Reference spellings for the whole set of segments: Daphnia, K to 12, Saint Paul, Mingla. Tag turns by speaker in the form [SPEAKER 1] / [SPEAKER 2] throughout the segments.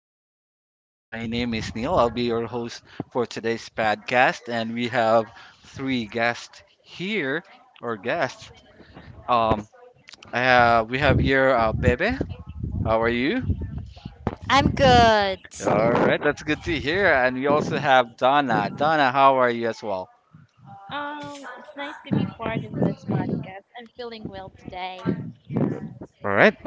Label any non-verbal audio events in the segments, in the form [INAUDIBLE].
[SPEAKER 1] everyone. My name is Neil. I'll be your host for today's podcast, and we have three guests here, or guests. Um, we have here Bebe. How are you?
[SPEAKER 2] I'm good.
[SPEAKER 1] All right, that's good to hear. And we also have Donna. Donna, how are you as well?
[SPEAKER 3] It's nice to be part of this podcast. I'm feeling well today.
[SPEAKER 1] All right,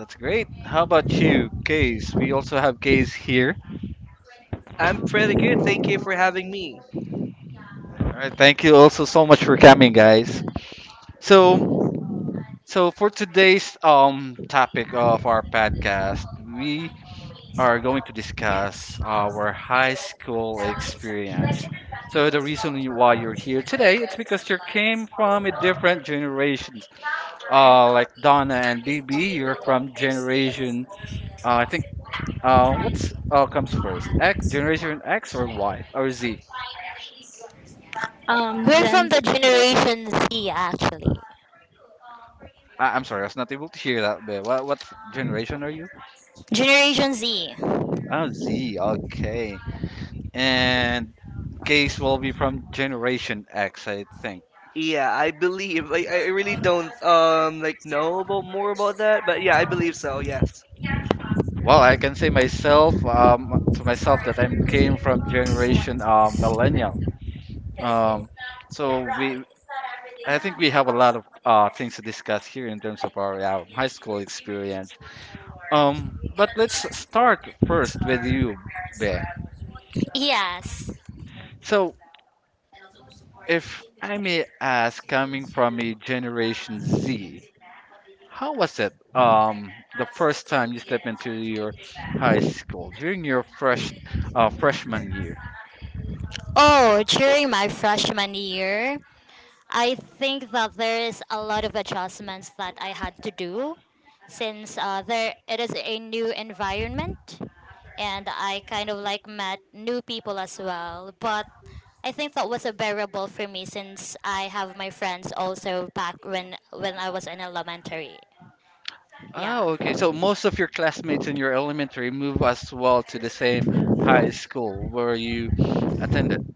[SPEAKER 1] that's great. How about you, Case? We also have Case here.
[SPEAKER 4] I'm pretty good. Thank you for having me.
[SPEAKER 1] All right, thank you also so much for coming, guys. So So for today's topic of our podcast, we are going to discuss our high school experience. So the reason why you're here today, it's because you came from a different generations. Like Donna and BB, you're from generation. I think what's comes first? X generation X or Y or Z?
[SPEAKER 2] We're from
[SPEAKER 3] Gen
[SPEAKER 2] the
[SPEAKER 3] Z.
[SPEAKER 2] Generation Z, actually.
[SPEAKER 1] I'm sorry, I was not able to hear that bit. What generation are you?
[SPEAKER 2] Generation Z.
[SPEAKER 1] Oh, Z. Okay. And case will be from Generation X, I think.
[SPEAKER 4] Yeah, I believe. Like, I really don't like know about more about that, but yeah, I believe so. Yes.
[SPEAKER 1] Well, I can say myself to myself that I came from Generation Millennial. Um, so, we, I think we have a lot of things to discuss here in terms of our high school experience. But let's start first with you, Bear.
[SPEAKER 2] Yes.
[SPEAKER 1] So if I may ask, coming from a Generation Z. How was it? The first time you step into your high school during your freshman year.
[SPEAKER 2] Oh, during my freshman year, I think that there is a lot of adjustments that I had to do since there it is a new environment, and I kind of like met new people as well. But I think that was a bearable for me since I have my friends also back when I was in elementary. Yeah.
[SPEAKER 1] Oh, okay. So most of your classmates in your elementary move as well to the same high school where you attended.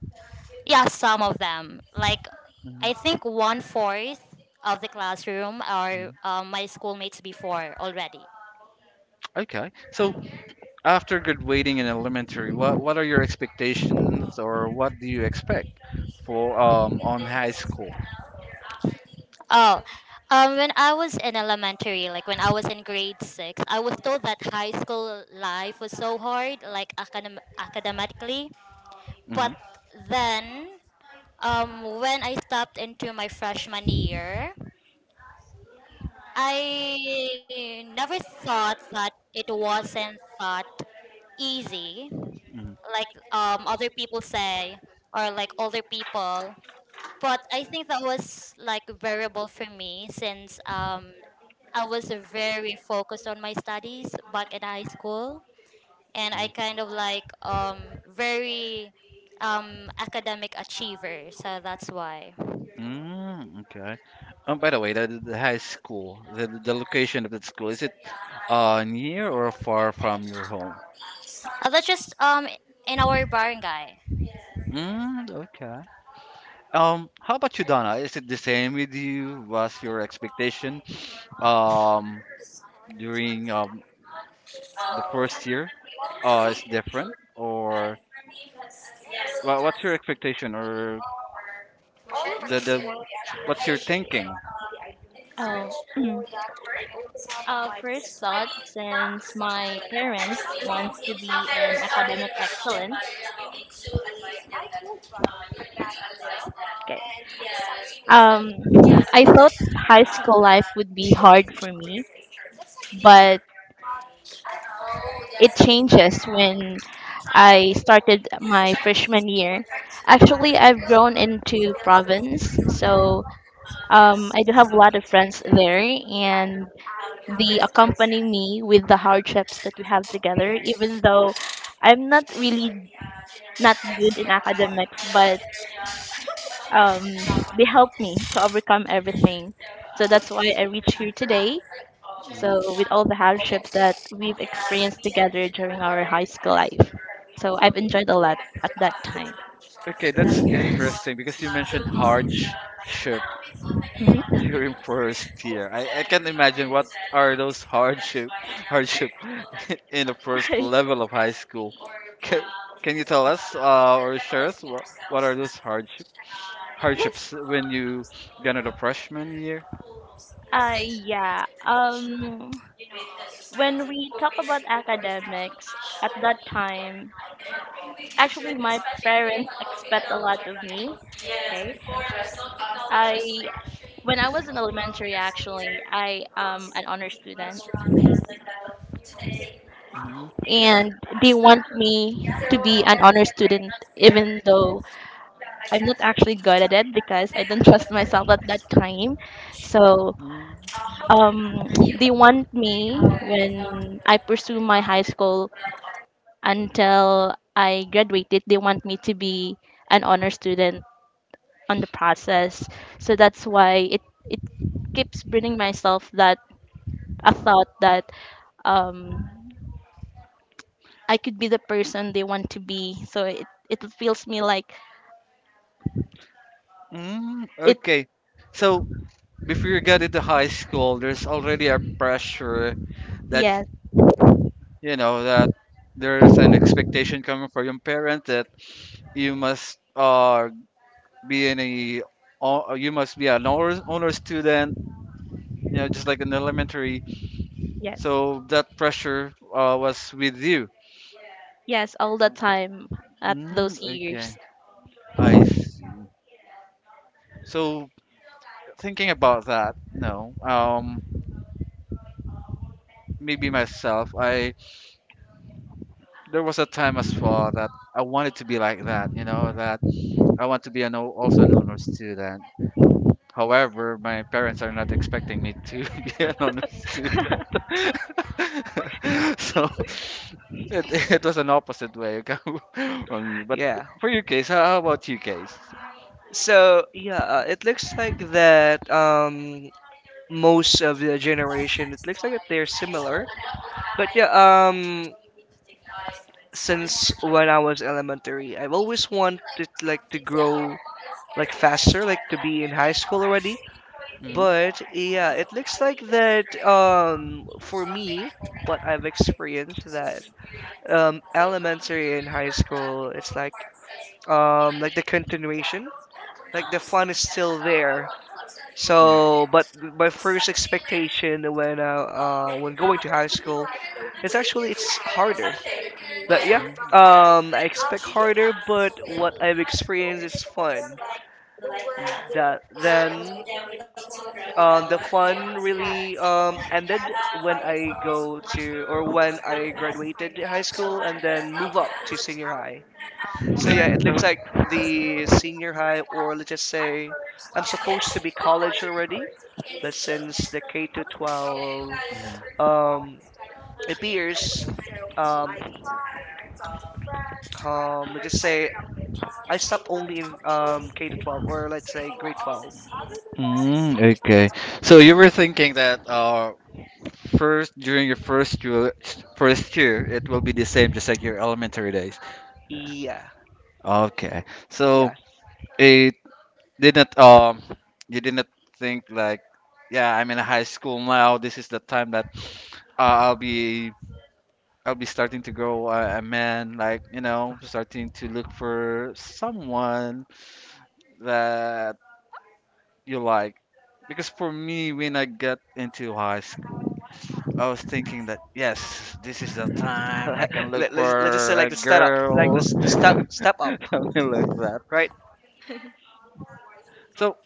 [SPEAKER 2] Yeah, some of them. Like,
[SPEAKER 1] Mhm.
[SPEAKER 2] I think one fourth of the classroom are
[SPEAKER 1] Mm,
[SPEAKER 2] my schoolmates before already.
[SPEAKER 1] okay. So after graduating in elementary, what are your expectations or what do you expect for on high school?
[SPEAKER 2] Oh, when I was in elementary, like when I was in grade six, I was told that high school life was so hard, like academically.
[SPEAKER 1] Mm-hmm.
[SPEAKER 2] But then, when I stepped into my freshman year, I never thought that it wasn't that easy.
[SPEAKER 1] Mhm.
[SPEAKER 2] Like other people say, or like older people, but I think that was like variable for me since I was very focused on my studies back in high school, and I kind of like very academic achiever, so that's why
[SPEAKER 1] Mm, okay. By the way, the high school, the location of that school, is it near or far from your home?
[SPEAKER 2] that's just in our barangay.
[SPEAKER 1] Mm, okay. How about you, Donna? Is it the same with you? Was your expectation um during the first year is different or well, what's your expectation
[SPEAKER 2] Like,
[SPEAKER 1] or
[SPEAKER 2] all of
[SPEAKER 1] the
[SPEAKER 2] this work
[SPEAKER 1] what's your
[SPEAKER 2] actually should
[SPEAKER 1] thinking?
[SPEAKER 2] like I that
[SPEAKER 3] Oh,
[SPEAKER 2] would
[SPEAKER 3] [CLEARS THROAT]
[SPEAKER 2] up my
[SPEAKER 3] first
[SPEAKER 2] business. I
[SPEAKER 3] thought
[SPEAKER 2] mean, not
[SPEAKER 3] since
[SPEAKER 2] something
[SPEAKER 3] my
[SPEAKER 2] like that. So
[SPEAKER 3] parents wants
[SPEAKER 2] sometimes
[SPEAKER 3] to
[SPEAKER 2] it's
[SPEAKER 3] be
[SPEAKER 2] not very
[SPEAKER 3] in
[SPEAKER 2] hard
[SPEAKER 3] academic
[SPEAKER 2] to them, but
[SPEAKER 3] excellence.
[SPEAKER 2] maybe that, you.
[SPEAKER 3] Okay.
[SPEAKER 2] And yeah,
[SPEAKER 3] Um, I thought
[SPEAKER 2] about
[SPEAKER 3] high school life would be hard for
[SPEAKER 2] for.
[SPEAKER 3] me,
[SPEAKER 2] That's like the.
[SPEAKER 3] but
[SPEAKER 2] I know
[SPEAKER 3] it
[SPEAKER 2] that's like
[SPEAKER 3] changes when
[SPEAKER 2] trying
[SPEAKER 3] I started
[SPEAKER 2] to
[SPEAKER 3] my
[SPEAKER 2] trying
[SPEAKER 3] freshman year.
[SPEAKER 2] to
[SPEAKER 3] Actually, I've grown into province, so I do have a lot of friends there, and
[SPEAKER 2] um,
[SPEAKER 3] they accompany me with the
[SPEAKER 2] so, for
[SPEAKER 3] hardships that we have together even though I'm not really not good in academics, but
[SPEAKER 2] us,
[SPEAKER 3] um, they help me to overcome everything, so that's why I reached here today.
[SPEAKER 2] for
[SPEAKER 1] Hmm
[SPEAKER 3] So with all the hardships
[SPEAKER 2] example,
[SPEAKER 3] that we've
[SPEAKER 2] yeah,
[SPEAKER 3] experienced together during our high school life, so I've enjoyed a lot at that time.
[SPEAKER 1] Okay, that's interesting because you mentioned hardship
[SPEAKER 2] we
[SPEAKER 3] Hmm.
[SPEAKER 1] [LAUGHS] during first year. I can't imagine what are those hardship [LAUGHS] hardship [LAUGHS] in the first
[SPEAKER 3] [LAUGHS]
[SPEAKER 1] level of high school. Can, can you tell us or share us what
[SPEAKER 2] ordered.
[SPEAKER 1] are those hardships?
[SPEAKER 3] Yes.
[SPEAKER 1] Hardships when you got into freshman year?
[SPEAKER 3] uh yeah um when we talk about academics at that time, actually, my parents expect a lot of me.
[SPEAKER 2] Yes,
[SPEAKER 3] Okay.
[SPEAKER 2] before there's no
[SPEAKER 3] I
[SPEAKER 2] technology, so
[SPEAKER 3] When I was in elementary, actually, I am an honor student,
[SPEAKER 2] restaurants, things like that. Today, wow.
[SPEAKER 1] Hmm
[SPEAKER 3] and they
[SPEAKER 2] So
[SPEAKER 3] want
[SPEAKER 2] right
[SPEAKER 3] me to be an
[SPEAKER 2] now,
[SPEAKER 3] honor student,
[SPEAKER 2] it's very
[SPEAKER 3] even though
[SPEAKER 2] cool. Yeah, I
[SPEAKER 3] I'm not
[SPEAKER 2] guess.
[SPEAKER 3] actually good at it because I didn't [LAUGHS] trust myself at that time. So
[SPEAKER 1] Mm-hmm.
[SPEAKER 3] um, they want
[SPEAKER 2] Uh,
[SPEAKER 3] me
[SPEAKER 2] with no.
[SPEAKER 3] when I pursue my high school until I graduated. They want me to be an honor student on the process. So that's why it keeps bringing myself that a thought that um I could be the person they want to be. So it feels me like
[SPEAKER 1] Mm-hmm.
[SPEAKER 3] it
[SPEAKER 1] Okay. So before you get into high school, there's already a pressure that
[SPEAKER 3] yes,
[SPEAKER 1] you know that there's an expectation coming from your parent that you must be in a you must be an honor student, you know, just like in elementary.
[SPEAKER 3] yes.
[SPEAKER 1] So that pressure was with you.
[SPEAKER 3] Yes, all the time at those
[SPEAKER 1] Mm,
[SPEAKER 3] years.
[SPEAKER 1] okay, I see. So thinking about that, no. Maybe myself. I There was a time as well that I wanted to be like that. You know that I want to be an also an honor student. However, my parents are not expecting me to [LAUGHS] be an honor student. [LAUGHS] so it, it was an opposite way [LAUGHS] from you. But
[SPEAKER 4] Yeah.
[SPEAKER 1] for your case, how about you case?
[SPEAKER 4] So yeah, it looks like that most of the generation, it looks like that they're similar. But yeah, since when I was elementary, I've always wanted like to grow like faster, like to be in high school already.
[SPEAKER 1] Hmm
[SPEAKER 4] But yeah, it looks like that for me, what I've experienced that elementary and high school, it's like the continuation, like the fun is still there. So, but my first
[SPEAKER 2] Yeah.
[SPEAKER 4] expectation
[SPEAKER 2] I would
[SPEAKER 4] when going to high
[SPEAKER 2] like the way
[SPEAKER 4] school,
[SPEAKER 2] of
[SPEAKER 4] it's
[SPEAKER 2] when
[SPEAKER 4] actually, it's
[SPEAKER 2] the I
[SPEAKER 4] harder.
[SPEAKER 2] was
[SPEAKER 4] But yeah, I expect harder, but what I've experienced is fun.
[SPEAKER 2] like the word.
[SPEAKER 4] That then the fun really
[SPEAKER 2] Yes,
[SPEAKER 4] ended
[SPEAKER 2] I find
[SPEAKER 4] when
[SPEAKER 2] it's
[SPEAKER 4] I go to or
[SPEAKER 2] one
[SPEAKER 4] when I
[SPEAKER 2] of
[SPEAKER 4] graduated high
[SPEAKER 2] the
[SPEAKER 4] school
[SPEAKER 2] most
[SPEAKER 4] and then move up to
[SPEAKER 2] interesting
[SPEAKER 4] senior high. So
[SPEAKER 2] things.
[SPEAKER 4] yeah, it looks like
[SPEAKER 1] Mm-hmm.
[SPEAKER 4] the senior high, or let's just say I'm supposed to be college already, but since the K to 12 um, appears, um, let's just say I stopped only in K to 12, or let's say grade 12.
[SPEAKER 1] Mm,
[SPEAKER 4] Yeah,
[SPEAKER 1] okay. So you were thinking that first, during your first year, it will be the same, just like your elementary days.
[SPEAKER 4] yeah,
[SPEAKER 1] Okay, so
[SPEAKER 4] yeah.
[SPEAKER 1] it didn't you didn't think like, yeah, I'm in high school now. This is the time that uh, I'll be I'll be starting to grow a man, like you know, starting to look for someone that you like. Because for me, when I got into high school, I was thinking that yes, this is the time I can
[SPEAKER 4] [LAUGHS]
[SPEAKER 1] look
[SPEAKER 4] Let's just say
[SPEAKER 1] for
[SPEAKER 4] like
[SPEAKER 1] a
[SPEAKER 4] the step up, like
[SPEAKER 1] girl,
[SPEAKER 4] the step up,
[SPEAKER 1] [LAUGHS] something like that.
[SPEAKER 4] right?
[SPEAKER 1] So,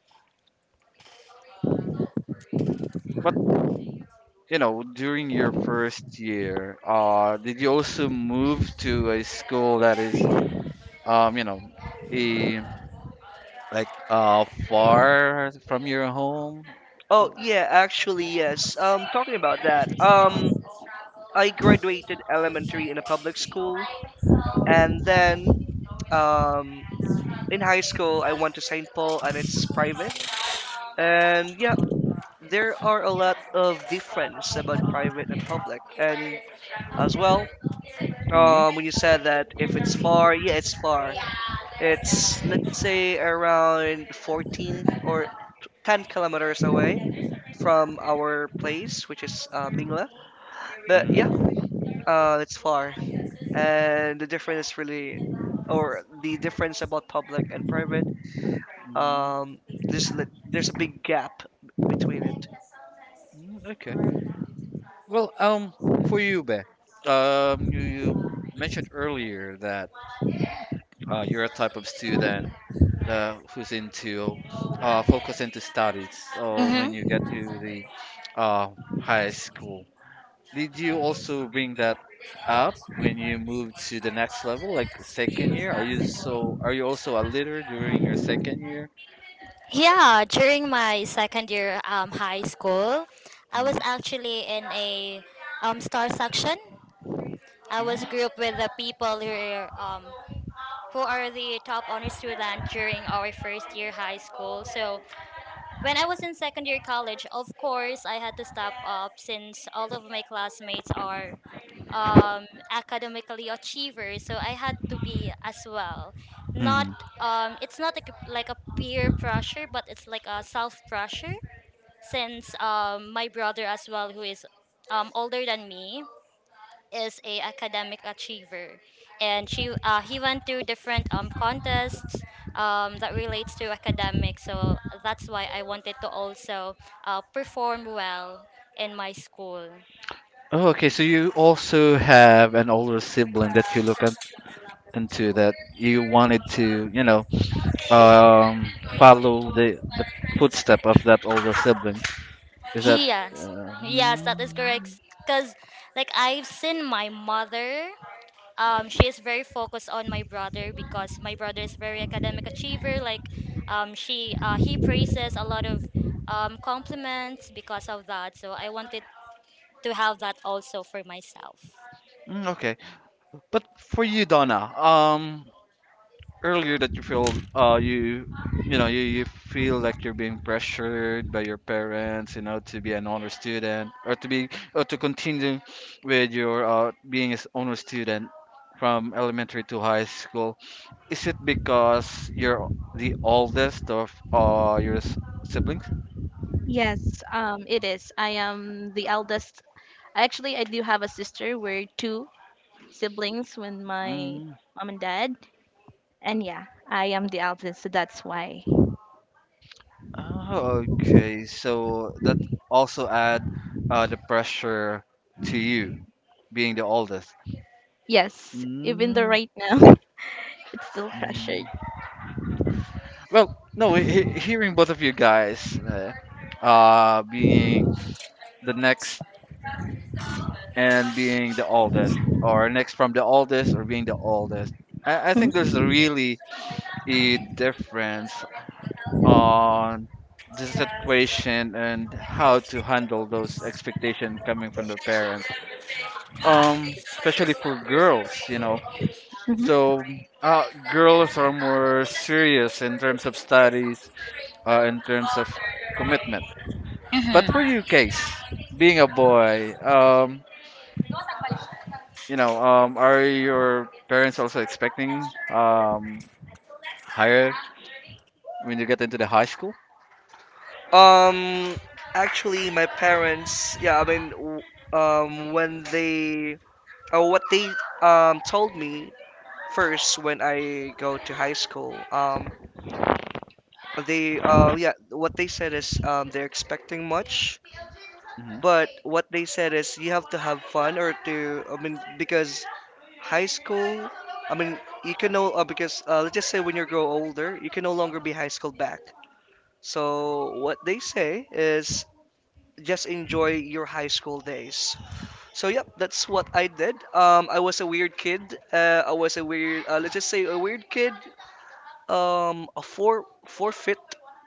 [SPEAKER 1] but you know, during your first year, did you also move to a school that is, you know, a, like far from your home?
[SPEAKER 4] Oh yeah, actually yes.
[SPEAKER 2] Yeah.
[SPEAKER 4] Talking about that, I graduated elementary in a public school, and then um, in high school I went to Saint Paul, and it's private. And yeah, there are a lot of difference about private and public, and as well,
[SPEAKER 1] Hmm
[SPEAKER 4] when you said that if it's far, yeah, it's far. It's let's say around 14 or 10 kilometers
[SPEAKER 2] There's
[SPEAKER 4] away
[SPEAKER 2] definitely.
[SPEAKER 4] from our place, which is Mingla. But
[SPEAKER 1] Mm.
[SPEAKER 4] yeah, it's far, and the difference really, or the difference about public and private,
[SPEAKER 1] Mm,
[SPEAKER 4] um, there's there's a big gap between it.
[SPEAKER 1] okay. Well, for you, Be, you mentioned earlier that you're a type of student who's into focus into studies. So when
[SPEAKER 2] Mmhmm.
[SPEAKER 1] you get to the uh, high school, did you also bring that up when you move to the next level, like the second year? Are you, so are you also a leader during your second year?
[SPEAKER 2] Yeah, during my second year, high school, I was
[SPEAKER 1] Hmm
[SPEAKER 2] actually in a star section. I was grouped with the people who are, um, the top honor student during our first year high school. So when I was in second year college, of course, I had to step up since all of my classmates are um, academically achievers. So I had to be as well. Not,
[SPEAKER 1] hmm
[SPEAKER 2] it's not like a, peer pressure, but it's like a self pressure since my brother as well, who is older than me, is a academic achiever, and she he went through different contests that relates to academics. So that's why I wanted to also perform well in my school.
[SPEAKER 1] Oh, okay. So you also have an older sibling that you look up into that you wanted to, you know, follow the footstep of that older sibling. Is that?
[SPEAKER 2] Yes,
[SPEAKER 1] Uh,
[SPEAKER 2] yes, that is
[SPEAKER 1] mm,
[SPEAKER 2] correct. Cause like I've seen my mother, she is very focused on my brother because my brother is very academic achiever. Like, she he praises a lot of compliments because of that. So I wanted to have that also for myself.
[SPEAKER 1] mm, okay. But for you, Donna, earlier that you feel you you know you feel like you're being pressured by your parents, you know, to be an honor student or to be or to continue with your being an honor student from elementary to high school. Is it because you're the oldest of your siblings?
[SPEAKER 3] Yes, it is. I am the eldest. Actually, I do have a sister. We're two siblings with my
[SPEAKER 1] Mm.
[SPEAKER 3] mom and dad. And yeah, I am the eldest, so that's why.
[SPEAKER 1] Oh, okay, so that also add the pressure to you being the oldest.
[SPEAKER 3] Yes, even though
[SPEAKER 1] Mm.
[SPEAKER 3] right now [LAUGHS] it's still pressured.
[SPEAKER 1] Well, no, hearing both of you guys, being the next and being the oldest, or next from the oldest or being the oldest, I think there's
[SPEAKER 3] Mhm,
[SPEAKER 1] a really a difference on the situation and how to handle those expectations coming from the parents, especially for girls, you know.
[SPEAKER 3] mhm.
[SPEAKER 1] So, girls are more serious in terms of studies, in terms of commitment. But
[SPEAKER 2] Mhm.
[SPEAKER 1] for you, Case, being a boy, you know, are your parents also expecting higher when you get into the high school?
[SPEAKER 4] Um, actually, my parents, yeah, I mean, when they, or what they told me first when I go to high school. They yeah, what they said is they're expecting much,
[SPEAKER 1] Hmm
[SPEAKER 4] but what they said is you have to have fun, or to, I mean, because high school, I mean, you can no because let's just say when you grow older you can no longer be high school back. So what they say is just enjoy your high school days. So yep, that's what I did. I was a weird kid. I was a weird, let's just say a weird kid a four four foot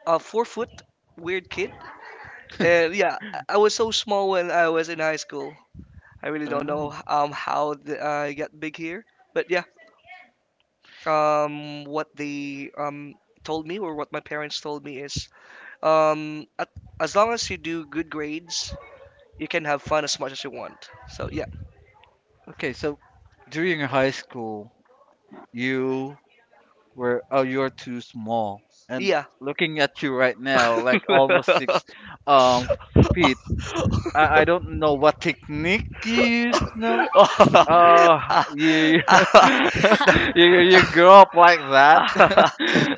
[SPEAKER 4] a 4-foot weird kid,
[SPEAKER 1] [LAUGHS]
[SPEAKER 4] and yeah, I was so small when I was in high school. I really don't know
[SPEAKER 1] Oh,
[SPEAKER 4] how I got big here. But yeah, what they told me, or what my parents told me is at, as long as you do good grades you can have fun as much as you want, so yeah.
[SPEAKER 1] okay. So during your high school, you were, oh you're too small, and
[SPEAKER 4] Yeah.
[SPEAKER 1] looking at you right now, like almost six
[SPEAKER 4] [LAUGHS] [LAUGHS]
[SPEAKER 1] um feet. I don't know what technique you used. No,
[SPEAKER 4] Ah,
[SPEAKER 1] Uh, you
[SPEAKER 4] ah.
[SPEAKER 1] [LAUGHS] you grow up like
[SPEAKER 4] [LAUGHS]
[SPEAKER 1] that.
[SPEAKER 4] [LAUGHS]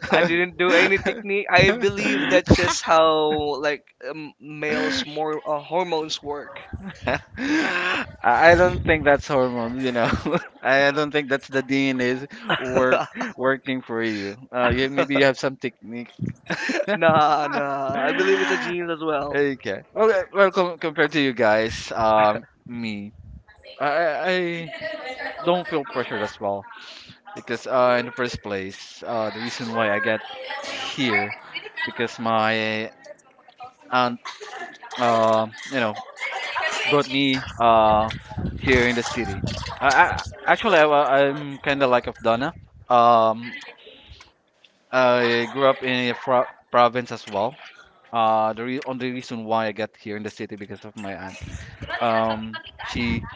[SPEAKER 4] I didn't do any technique. I believe that's just how like males more hormones work.
[SPEAKER 1] [LAUGHS] I don't think that's hormone, you know. [LAUGHS] I don't think that's the DNA's work
[SPEAKER 4] [LAUGHS]
[SPEAKER 1] working for you. You maybe you have some technique. [LAUGHS]
[SPEAKER 4] Nah, nah, I believe it's a genes as well.
[SPEAKER 1] Okay. Well, well, compared to you guys, me, I I I don't feel pressured as well. Because in the first place, the reason why I got here because my aunt, you know, brought me here in the city. I actually I'm kind of like of Donna. Um, I grew up in a fro province as well. The only reason why I got here in the city because of my aunt. Um, she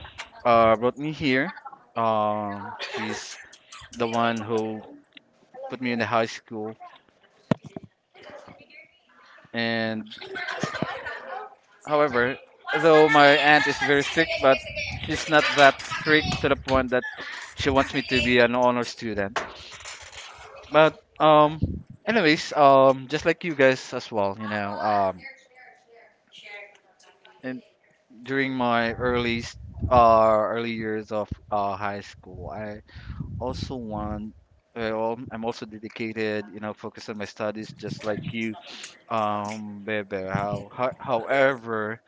[SPEAKER 1] brought me here. She's the one who put me in the high school and however, though my aunt is very strict, but she's not that strict to the point that she wants me to be an honor student. But um, anyways, just like you guys as well, you know, and during my early years of high school, I also want. Well, I'm also dedicated, you know, focused on my studies, just like you, Bebe. However,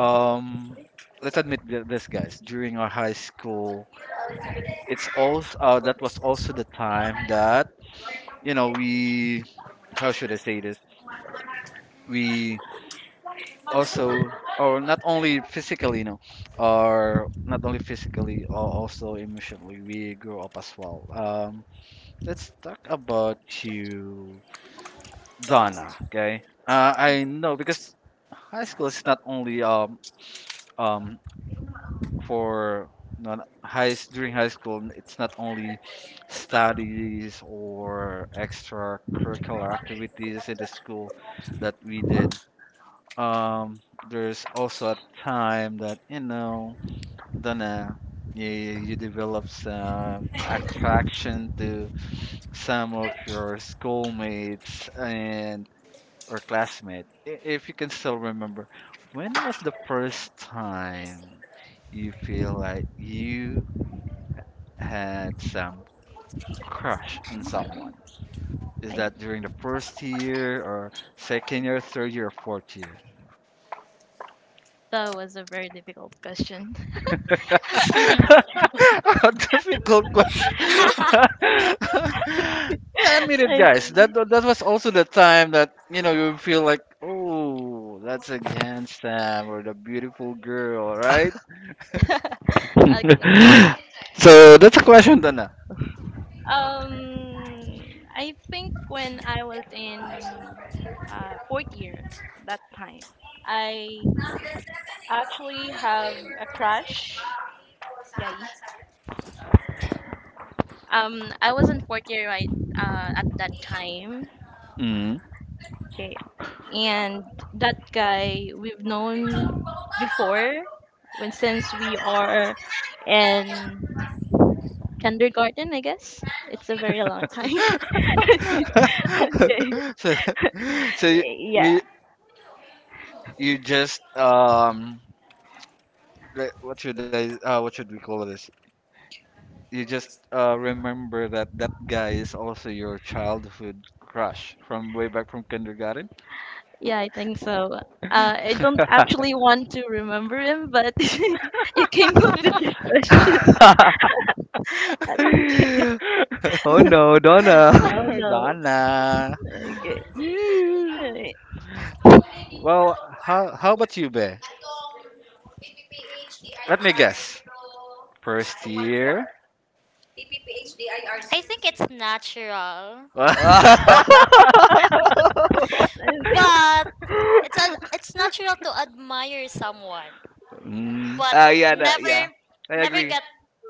[SPEAKER 1] um let's admit this guys during our high school, it's also that was also the time that you know we how should I say this, we also or not only physically, you know, or not only physically or also emotionally, we grow up as well. Let's talk about you, Donna. Okay I know because high school is not only um for during high school, it's not only studies or extracurricular activities in the school that we did. um there's also a time that you know don't know you, you develop some attraction to some of your schoolmates and or classmate, if you can still remember, when was the first time you feel like you had some crush on someone? Is
[SPEAKER 3] Right.
[SPEAKER 1] that during the first year or second year, third year, or fourth year? [LAUGHS]
[SPEAKER 3] That was a very difficult question.
[SPEAKER 1] A difficult question. [LAUGHS] Yeah,
[SPEAKER 3] [LAUGHS]
[SPEAKER 1] guys.
[SPEAKER 3] Okay.
[SPEAKER 1] That was also the time that you know you feel like, oh, that's a handsome or the beautiful girl, right? [LAUGHS]
[SPEAKER 3] [LAUGHS] Okay.
[SPEAKER 1] [LAUGHS] So that's a question, Dana.
[SPEAKER 3] Um, I think when I was in fourth year that time, I actually have a crush. Yay. I was in fourth year right, at that time.
[SPEAKER 1] Mm.
[SPEAKER 3] Okay. And that guy, we've known before, when since we are in kindergarten, I guess. It's a very long time. [LAUGHS] Okay.
[SPEAKER 1] [LAUGHS] So, so you,
[SPEAKER 3] Yeah.
[SPEAKER 1] you you just what should I what should we call this? You just remember that that guy is also your childhood crush from way back from kindergarten.
[SPEAKER 3] Yeah, I think so. I don't
[SPEAKER 1] [LAUGHS]
[SPEAKER 3] actually want to remember him, but [LAUGHS] you came up with this question. I,
[SPEAKER 4] [LAUGHS] Oh no, Donna.
[SPEAKER 3] oh no.
[SPEAKER 1] Donna.
[SPEAKER 3] Okay.
[SPEAKER 1] Yeah.
[SPEAKER 3] [LAUGHS] Alright.
[SPEAKER 1] Well, how about you, Be?
[SPEAKER 2] Atong PPPH
[SPEAKER 1] Let me
[SPEAKER 2] guess.
[SPEAKER 1] guess.
[SPEAKER 2] First
[SPEAKER 1] First
[SPEAKER 2] two year.
[SPEAKER 1] year.
[SPEAKER 2] PPPH DIR I R I 0 think it's natural,
[SPEAKER 1] [LAUGHS]
[SPEAKER 4] [LAUGHS]
[SPEAKER 2] but
[SPEAKER 1] mm,
[SPEAKER 2] it's natural to admire someone, but
[SPEAKER 4] Yeah, that, yeah.
[SPEAKER 2] never
[SPEAKER 4] I
[SPEAKER 2] never
[SPEAKER 4] agree.
[SPEAKER 2] got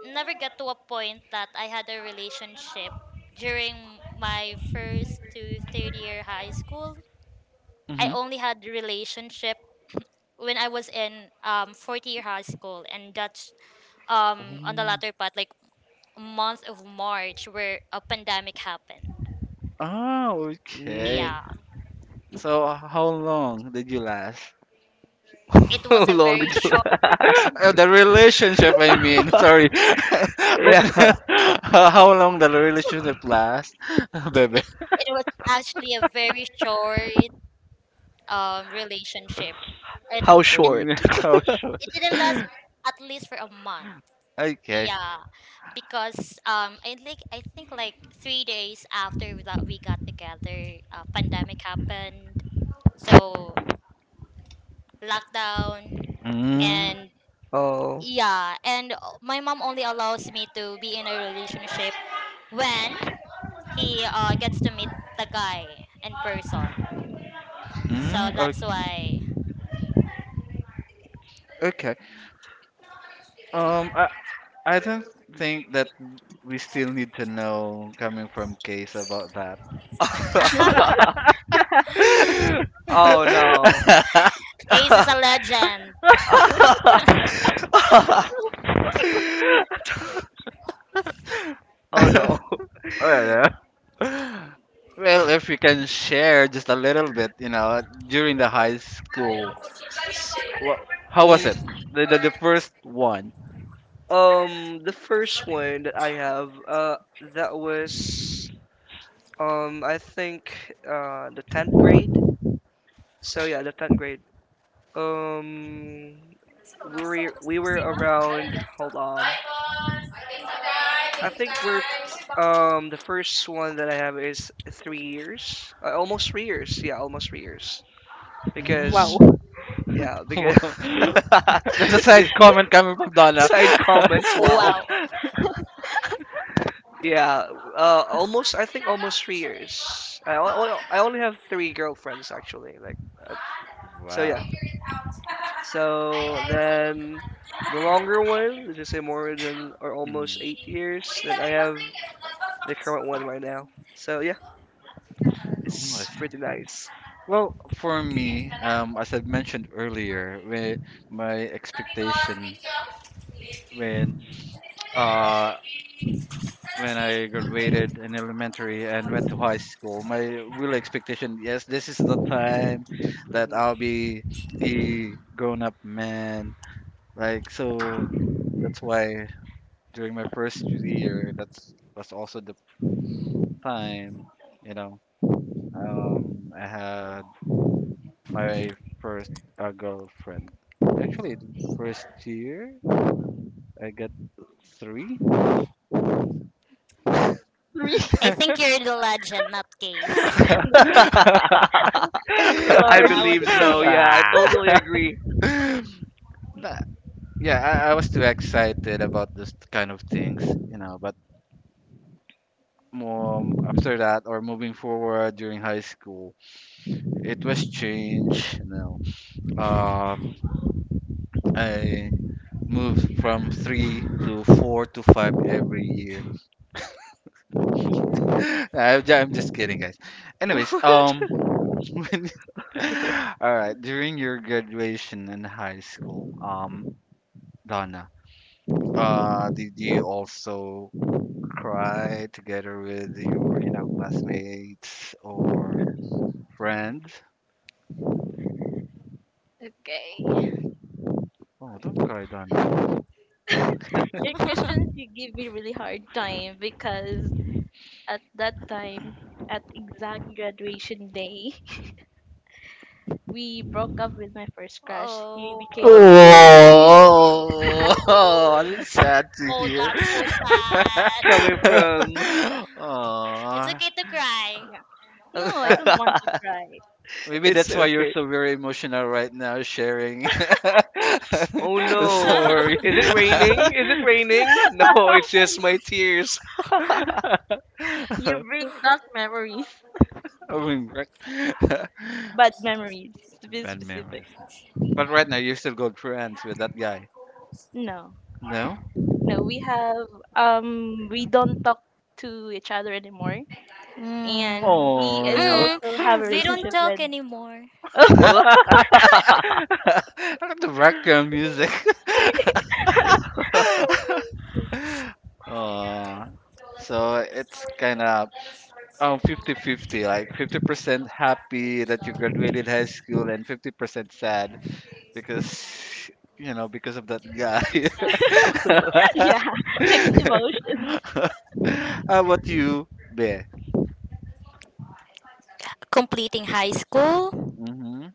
[SPEAKER 2] never got to a point that I had a relationship during my first to third year high school. I
[SPEAKER 1] hmm
[SPEAKER 2] only had relationship when I was in fourth year high school, and that's on the latter part, like month of March where a pandemic happened.
[SPEAKER 1] Oh, okay.
[SPEAKER 2] Yeah,
[SPEAKER 4] Mm.
[SPEAKER 1] So how long did you last?
[SPEAKER 2] it
[SPEAKER 4] [LAUGHS] How
[SPEAKER 2] was a
[SPEAKER 4] long
[SPEAKER 2] very
[SPEAKER 4] did you? [LAUGHS]
[SPEAKER 2] short.
[SPEAKER 1] [LAUGHS] The relationship, I mean. Sorry. [LAUGHS] Let me,
[SPEAKER 4] Yeah.
[SPEAKER 1] [LAUGHS] how long the relationship last, [LAUGHS] baby? [LAUGHS]
[SPEAKER 2] It was actually a very short relationship. It
[SPEAKER 4] How
[SPEAKER 1] Mm,
[SPEAKER 4] short?
[SPEAKER 1] oh, sure.
[SPEAKER 2] it didn't last at least for a month.
[SPEAKER 1] [LAUGHS] Okay.
[SPEAKER 2] Yeah, because I think like 3 days after that we got together, pandemic happened. So lockdown
[SPEAKER 1] Mm.
[SPEAKER 2] and
[SPEAKER 4] [LAUGHS] Oh.
[SPEAKER 2] yeah, and my mom only allows me to be in a relationship when he gets to meet the guy in person.
[SPEAKER 1] Mm,
[SPEAKER 2] So that's why
[SPEAKER 1] okay. Um, I I don't think that we still need to know coming from Case about that.
[SPEAKER 2] [LAUGHS]
[SPEAKER 4] [LAUGHS] Oh no.
[SPEAKER 1] [LAUGHS]
[SPEAKER 2] Ace is a
[SPEAKER 4] [LAUGHS]
[SPEAKER 2] legend.
[SPEAKER 4] Oh no.
[SPEAKER 1] Well, well, if we can share just a little bit, you know, during the high school,
[SPEAKER 4] S-
[SPEAKER 1] well, how was
[SPEAKER 4] mm,
[SPEAKER 1] it? The first one.
[SPEAKER 4] the first one that I have, that was, I think, the tenth grade. So yeah, the tenth grade. Um, we we were around. Hold on. I think we're the first one that I have is 3 years. Almost 3 years. Yeah, almost 3 years, because
[SPEAKER 1] Mm.
[SPEAKER 4] yeah, because [LAUGHS]
[SPEAKER 1] [LAUGHS] There's a
[SPEAKER 4] the
[SPEAKER 1] side comment coming from Donna.
[SPEAKER 4] side comments,
[SPEAKER 1] [LAUGHS]
[SPEAKER 4] wow.
[SPEAKER 2] Wow.
[SPEAKER 4] Yeah, almost, I think almost 3 years. I, I only have three girlfriends, actually. Like, uh, so yeah.
[SPEAKER 1] Wow.
[SPEAKER 4] So then the longer one, let's just
[SPEAKER 2] [LAUGHS]
[SPEAKER 4] say more than or almost
[SPEAKER 1] Hmm.
[SPEAKER 4] 8 years, that I have the current one right now. So yeah,
[SPEAKER 1] Oh, I
[SPEAKER 4] it's
[SPEAKER 1] see.
[SPEAKER 4] pretty nice.
[SPEAKER 1] Well, for me, as I mentioned earlier, when my expectation when uh when I graduated in elementary and went to high school, my real expectation, yes, this is the time that
[SPEAKER 4] Mhm.
[SPEAKER 1] I'll be a grown-up man. Like so that's why during my first year, that's was also the time, you know, I had my first girlfriend. Actually, the first year I got three.
[SPEAKER 3] Three.
[SPEAKER 2] I
[SPEAKER 3] [LAUGHS]
[SPEAKER 1] [LAUGHS]
[SPEAKER 2] think you're the legend, not Case.
[SPEAKER 4] [LAUGHS]
[SPEAKER 3] No, he's the
[SPEAKER 4] I
[SPEAKER 3] Lord.
[SPEAKER 2] I would
[SPEAKER 4] believe so.
[SPEAKER 2] say.
[SPEAKER 4] Yeah, I
[SPEAKER 1] ah.
[SPEAKER 4] totally
[SPEAKER 1] [LAUGHS]
[SPEAKER 4] agree.
[SPEAKER 1] Nah, yeah, I was too excited about this kind of things, you know. But more after that, or moving forward during high school, it was changed you know. Um, I moved from three to four to five every year. [LAUGHS] I'm just kidding, guys.
[SPEAKER 4] [LAUGHS] What?
[SPEAKER 1] Anyways, [LAUGHS] when, all right. During your graduation in high school, Donna, did you also cry together with your, you know, classmates or friends?
[SPEAKER 3] Okay.
[SPEAKER 1] Oh, don't cry, Donna.
[SPEAKER 3] Your
[SPEAKER 2] [LAUGHS]
[SPEAKER 3] questions you give me really hard time because at that time, at exact graduation day, [LAUGHS] we broke up with my first crush. He
[SPEAKER 2] Oh.
[SPEAKER 3] became my,
[SPEAKER 4] Rui
[SPEAKER 1] Oh, [LAUGHS] that's sad to
[SPEAKER 2] Oh,
[SPEAKER 1] hear.
[SPEAKER 2] that's so sad.
[SPEAKER 4] coming from.
[SPEAKER 1] [LAUGHS]
[SPEAKER 2] It's
[SPEAKER 1] Aw.
[SPEAKER 2] okay to cry.
[SPEAKER 3] yeah. No, I
[SPEAKER 1] Uh,
[SPEAKER 3] don't
[SPEAKER 4] [LAUGHS]
[SPEAKER 3] want to cry. [LAUGHS]
[SPEAKER 1] maybe
[SPEAKER 4] It's
[SPEAKER 1] that's why you're
[SPEAKER 4] okay.
[SPEAKER 1] so very emotional right now, sharing [LAUGHS]
[SPEAKER 4] Oh
[SPEAKER 1] the
[SPEAKER 4] no.
[SPEAKER 1] story.
[SPEAKER 2] [LAUGHS]
[SPEAKER 4] Is it
[SPEAKER 1] [LAUGHS]
[SPEAKER 4] raining? Is it raining? No, it's just my
[SPEAKER 3] No.
[SPEAKER 4] tears. [LAUGHS]
[SPEAKER 3] [LAUGHS] You bring back memories,
[SPEAKER 1] I mean, right- [LAUGHS]
[SPEAKER 3] bad memories to be
[SPEAKER 1] Bad
[SPEAKER 3] specific.
[SPEAKER 1] memories. But right now, you're still good friends with that guy.
[SPEAKER 3] No,
[SPEAKER 1] No?
[SPEAKER 3] no, we have we don't talk to each other anymore,
[SPEAKER 2] Mm.
[SPEAKER 3] and he is
[SPEAKER 1] Oh.
[SPEAKER 2] Mm.
[SPEAKER 3] also have a
[SPEAKER 2] We
[SPEAKER 1] [LAUGHS]
[SPEAKER 2] don't
[SPEAKER 3] relationship
[SPEAKER 2] talk
[SPEAKER 3] with.
[SPEAKER 2] anymore.
[SPEAKER 1] [LAUGHS] I like the background music.
[SPEAKER 3] [LAUGHS]
[SPEAKER 1] [LAUGHS] oh, so it's kind of 50-50, like 50% happy that you graduated high school and 50% sad because because of that guy.
[SPEAKER 3] Yeah, [LAUGHS] mixed emotions.
[SPEAKER 1] [LAUGHS] How about you, Be?
[SPEAKER 2] Completing high school.
[SPEAKER 1] Mm-hmm.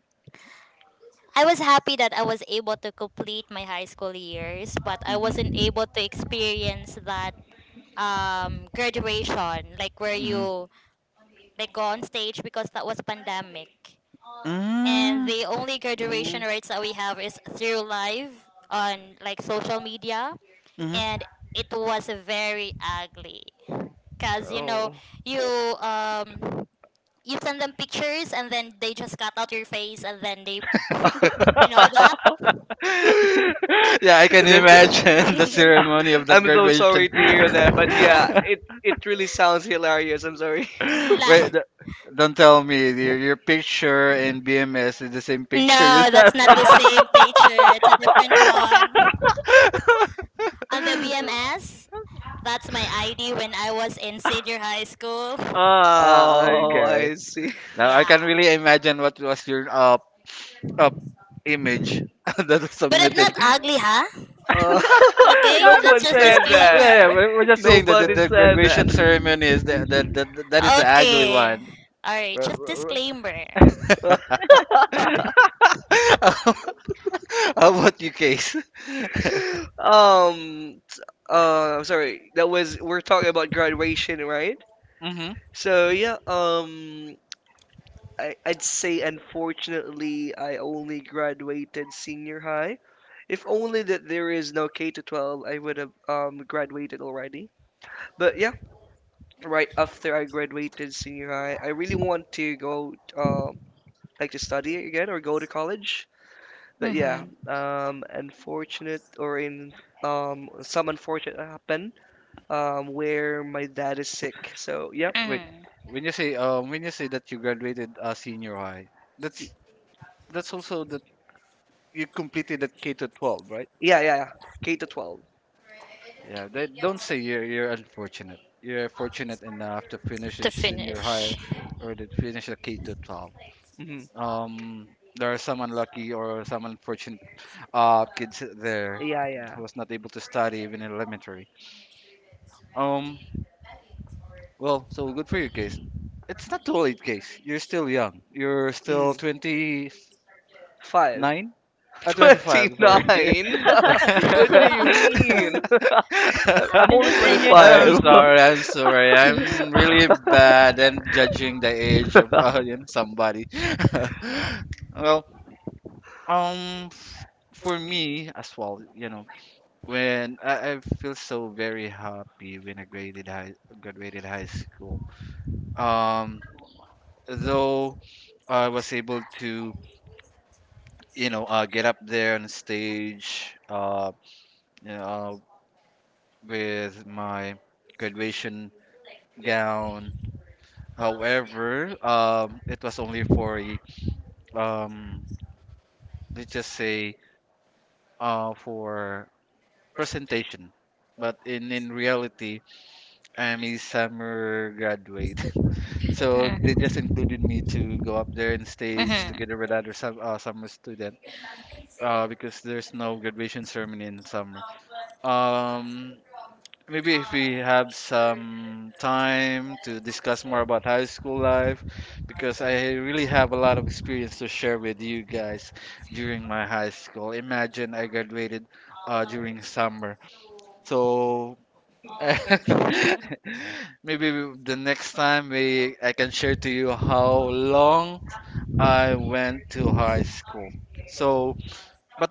[SPEAKER 2] I was happy that I was able to complete my high school years, but I wasn't
[SPEAKER 1] Mm-hmm.
[SPEAKER 2] able to experience that graduation, like where
[SPEAKER 1] Mm-hmm.
[SPEAKER 2] you like go on stage because that was pandemic. And
[SPEAKER 1] Mm-hmm.
[SPEAKER 2] the only graduation
[SPEAKER 4] Mm,
[SPEAKER 2] rates that we have is through live on like social media.
[SPEAKER 1] Mm-hmm.
[SPEAKER 2] And it was very ugly because
[SPEAKER 4] oh.
[SPEAKER 2] you um you send them pictures and then they just cut out your face and then they
[SPEAKER 4] [LAUGHS]
[SPEAKER 1] [LAUGHS]
[SPEAKER 2] you know
[SPEAKER 4] That's
[SPEAKER 2] that.
[SPEAKER 1] Yeah, I can
[SPEAKER 4] it.
[SPEAKER 1] imagine [LAUGHS] the
[SPEAKER 2] [LAUGHS]
[SPEAKER 4] [LAUGHS]
[SPEAKER 1] ceremony of that
[SPEAKER 4] I'm so
[SPEAKER 1] graduation.
[SPEAKER 4] sorry to hear that, but yeah,
[SPEAKER 1] [LAUGHS]
[SPEAKER 4] it really sounds hilarious. I'm sorry.
[SPEAKER 1] Wait,
[SPEAKER 2] La-
[SPEAKER 1] don't tell me your picture in BMS is the same picture you
[SPEAKER 2] no,
[SPEAKER 1] have
[SPEAKER 2] that's not
[SPEAKER 1] in.
[SPEAKER 2] the
[SPEAKER 4] [LAUGHS]
[SPEAKER 2] same picture, it's a different one on the BMS. That's my ID when I was in senior high school.
[SPEAKER 1] [LAUGHS] Ah,
[SPEAKER 4] Oh,
[SPEAKER 1] okay.
[SPEAKER 4] I see.
[SPEAKER 1] Now I can
[SPEAKER 2] Yeah,
[SPEAKER 1] really imagine what was your uh image [LAUGHS] that was
[SPEAKER 2] but I'm
[SPEAKER 1] submitted.
[SPEAKER 2] not ugly, huh.
[SPEAKER 4] Uh, [LAUGHS]
[SPEAKER 1] [LAUGHS]
[SPEAKER 2] Okay,
[SPEAKER 4] no
[SPEAKER 1] I'm not
[SPEAKER 2] that's
[SPEAKER 4] one
[SPEAKER 2] just
[SPEAKER 1] saying.
[SPEAKER 4] said
[SPEAKER 1] Yeah,
[SPEAKER 4] that.
[SPEAKER 1] yeah,
[SPEAKER 2] disclaimer.
[SPEAKER 1] we're just saying that
[SPEAKER 4] Nobody
[SPEAKER 1] the
[SPEAKER 4] said that.
[SPEAKER 1] graduation ceremony is the that is the ugly
[SPEAKER 2] Okay,
[SPEAKER 1] one.
[SPEAKER 2] all right,
[SPEAKER 1] We're-
[SPEAKER 2] just
[SPEAKER 1] we're-
[SPEAKER 2] disclaimer.
[SPEAKER 1] we're- [LAUGHS] How about you, Case? [LAUGHS]
[SPEAKER 4] [LAUGHS] um, t- I'm sorry. That was We're talking about graduation, right?
[SPEAKER 1] hmm.
[SPEAKER 4] So yeah, I I'd say unfortunately I only graduated senior high. If only that there is no K to 12, I would have graduated already. But yeah, right after I graduated senior high, I really want to go like to study again or go to college. But yeah,
[SPEAKER 2] Mm-hmm.
[SPEAKER 4] unfortunate, or in some unfortunate happen where my dad is sick. So yep.
[SPEAKER 1] Wait,
[SPEAKER 2] Mm-hmm.
[SPEAKER 1] when you say that you graduated senior high,
[SPEAKER 4] Y-
[SPEAKER 1] that's that's also that you completed that K to 12, right?
[SPEAKER 4] yeah, yeah, yeah. K to 12.
[SPEAKER 1] Yeah, they don't say you're unfortunate. You're fortunate enough to finish a
[SPEAKER 2] To
[SPEAKER 1] senior high
[SPEAKER 2] finish.
[SPEAKER 1] or to finish a K to 12.
[SPEAKER 4] Hmm.
[SPEAKER 1] Um, there are some unlucky or some unfortunate kids there
[SPEAKER 4] Yeah, yeah.
[SPEAKER 1] who was not able to study even in elementary. Um, well, so good for your case. It's not too late, case. You're still young. You're still
[SPEAKER 4] Mm.
[SPEAKER 1] 29?
[SPEAKER 4] Five. [LAUGHS]
[SPEAKER 1] 25, sorry.
[SPEAKER 4] 29? [LAUGHS]
[SPEAKER 1] [LAUGHS]
[SPEAKER 4] What do you
[SPEAKER 2] [LAUGHS]
[SPEAKER 3] [LAUGHS]
[SPEAKER 4] mean? [LAUGHS] I'm
[SPEAKER 3] I'm
[SPEAKER 4] only
[SPEAKER 3] just in your
[SPEAKER 1] I'm
[SPEAKER 4] 25.
[SPEAKER 3] 20s.
[SPEAKER 1] sorry, I'm sorry. I'm really bad and judging the age of
[SPEAKER 4] [LAUGHS]
[SPEAKER 1] you know, somebody. [LAUGHS] well, Um, f- for me as well, you know, when I feel so very happy when graduated high school. Um, though I was able to, you know, get up there on stage, you know, uh, with my graduation gown. However, it was only for a, um, let's just say, for presentation. But in reality I'm a summer graduate, [LAUGHS] so they just
[SPEAKER 2] Mm.
[SPEAKER 1] included me to go up there and stage
[SPEAKER 2] Mhm.
[SPEAKER 1] together with other summer student because there's no graduation ceremony in summer. Um, maybe if we have some time to discuss more about high school life, because I really have a lot of experience to share with you guys during my high school. Imagine I graduated during summer, so [LAUGHS] the next time we I can share to you how long I went to high school. So, but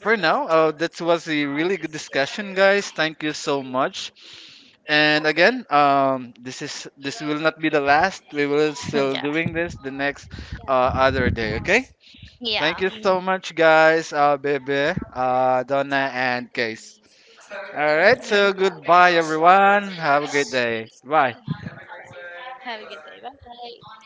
[SPEAKER 1] for now, that was a really good discussion, guys. Thank you so much. And again, this will not be the last. We will still
[SPEAKER 2] [LAUGHS]
[SPEAKER 1] doing this the next
[SPEAKER 3] Yeah,
[SPEAKER 1] other day. Okay.
[SPEAKER 2] Yeah.
[SPEAKER 1] Thank
[SPEAKER 3] I
[SPEAKER 1] you
[SPEAKER 2] Yeah.
[SPEAKER 1] so
[SPEAKER 3] mean,
[SPEAKER 1] much, guys. Bebe, Donna, and Case. All right, so
[SPEAKER 3] wow.
[SPEAKER 1] goodbye, everyone. Have a great day. Bye.
[SPEAKER 3] Have a good day. Bye bye.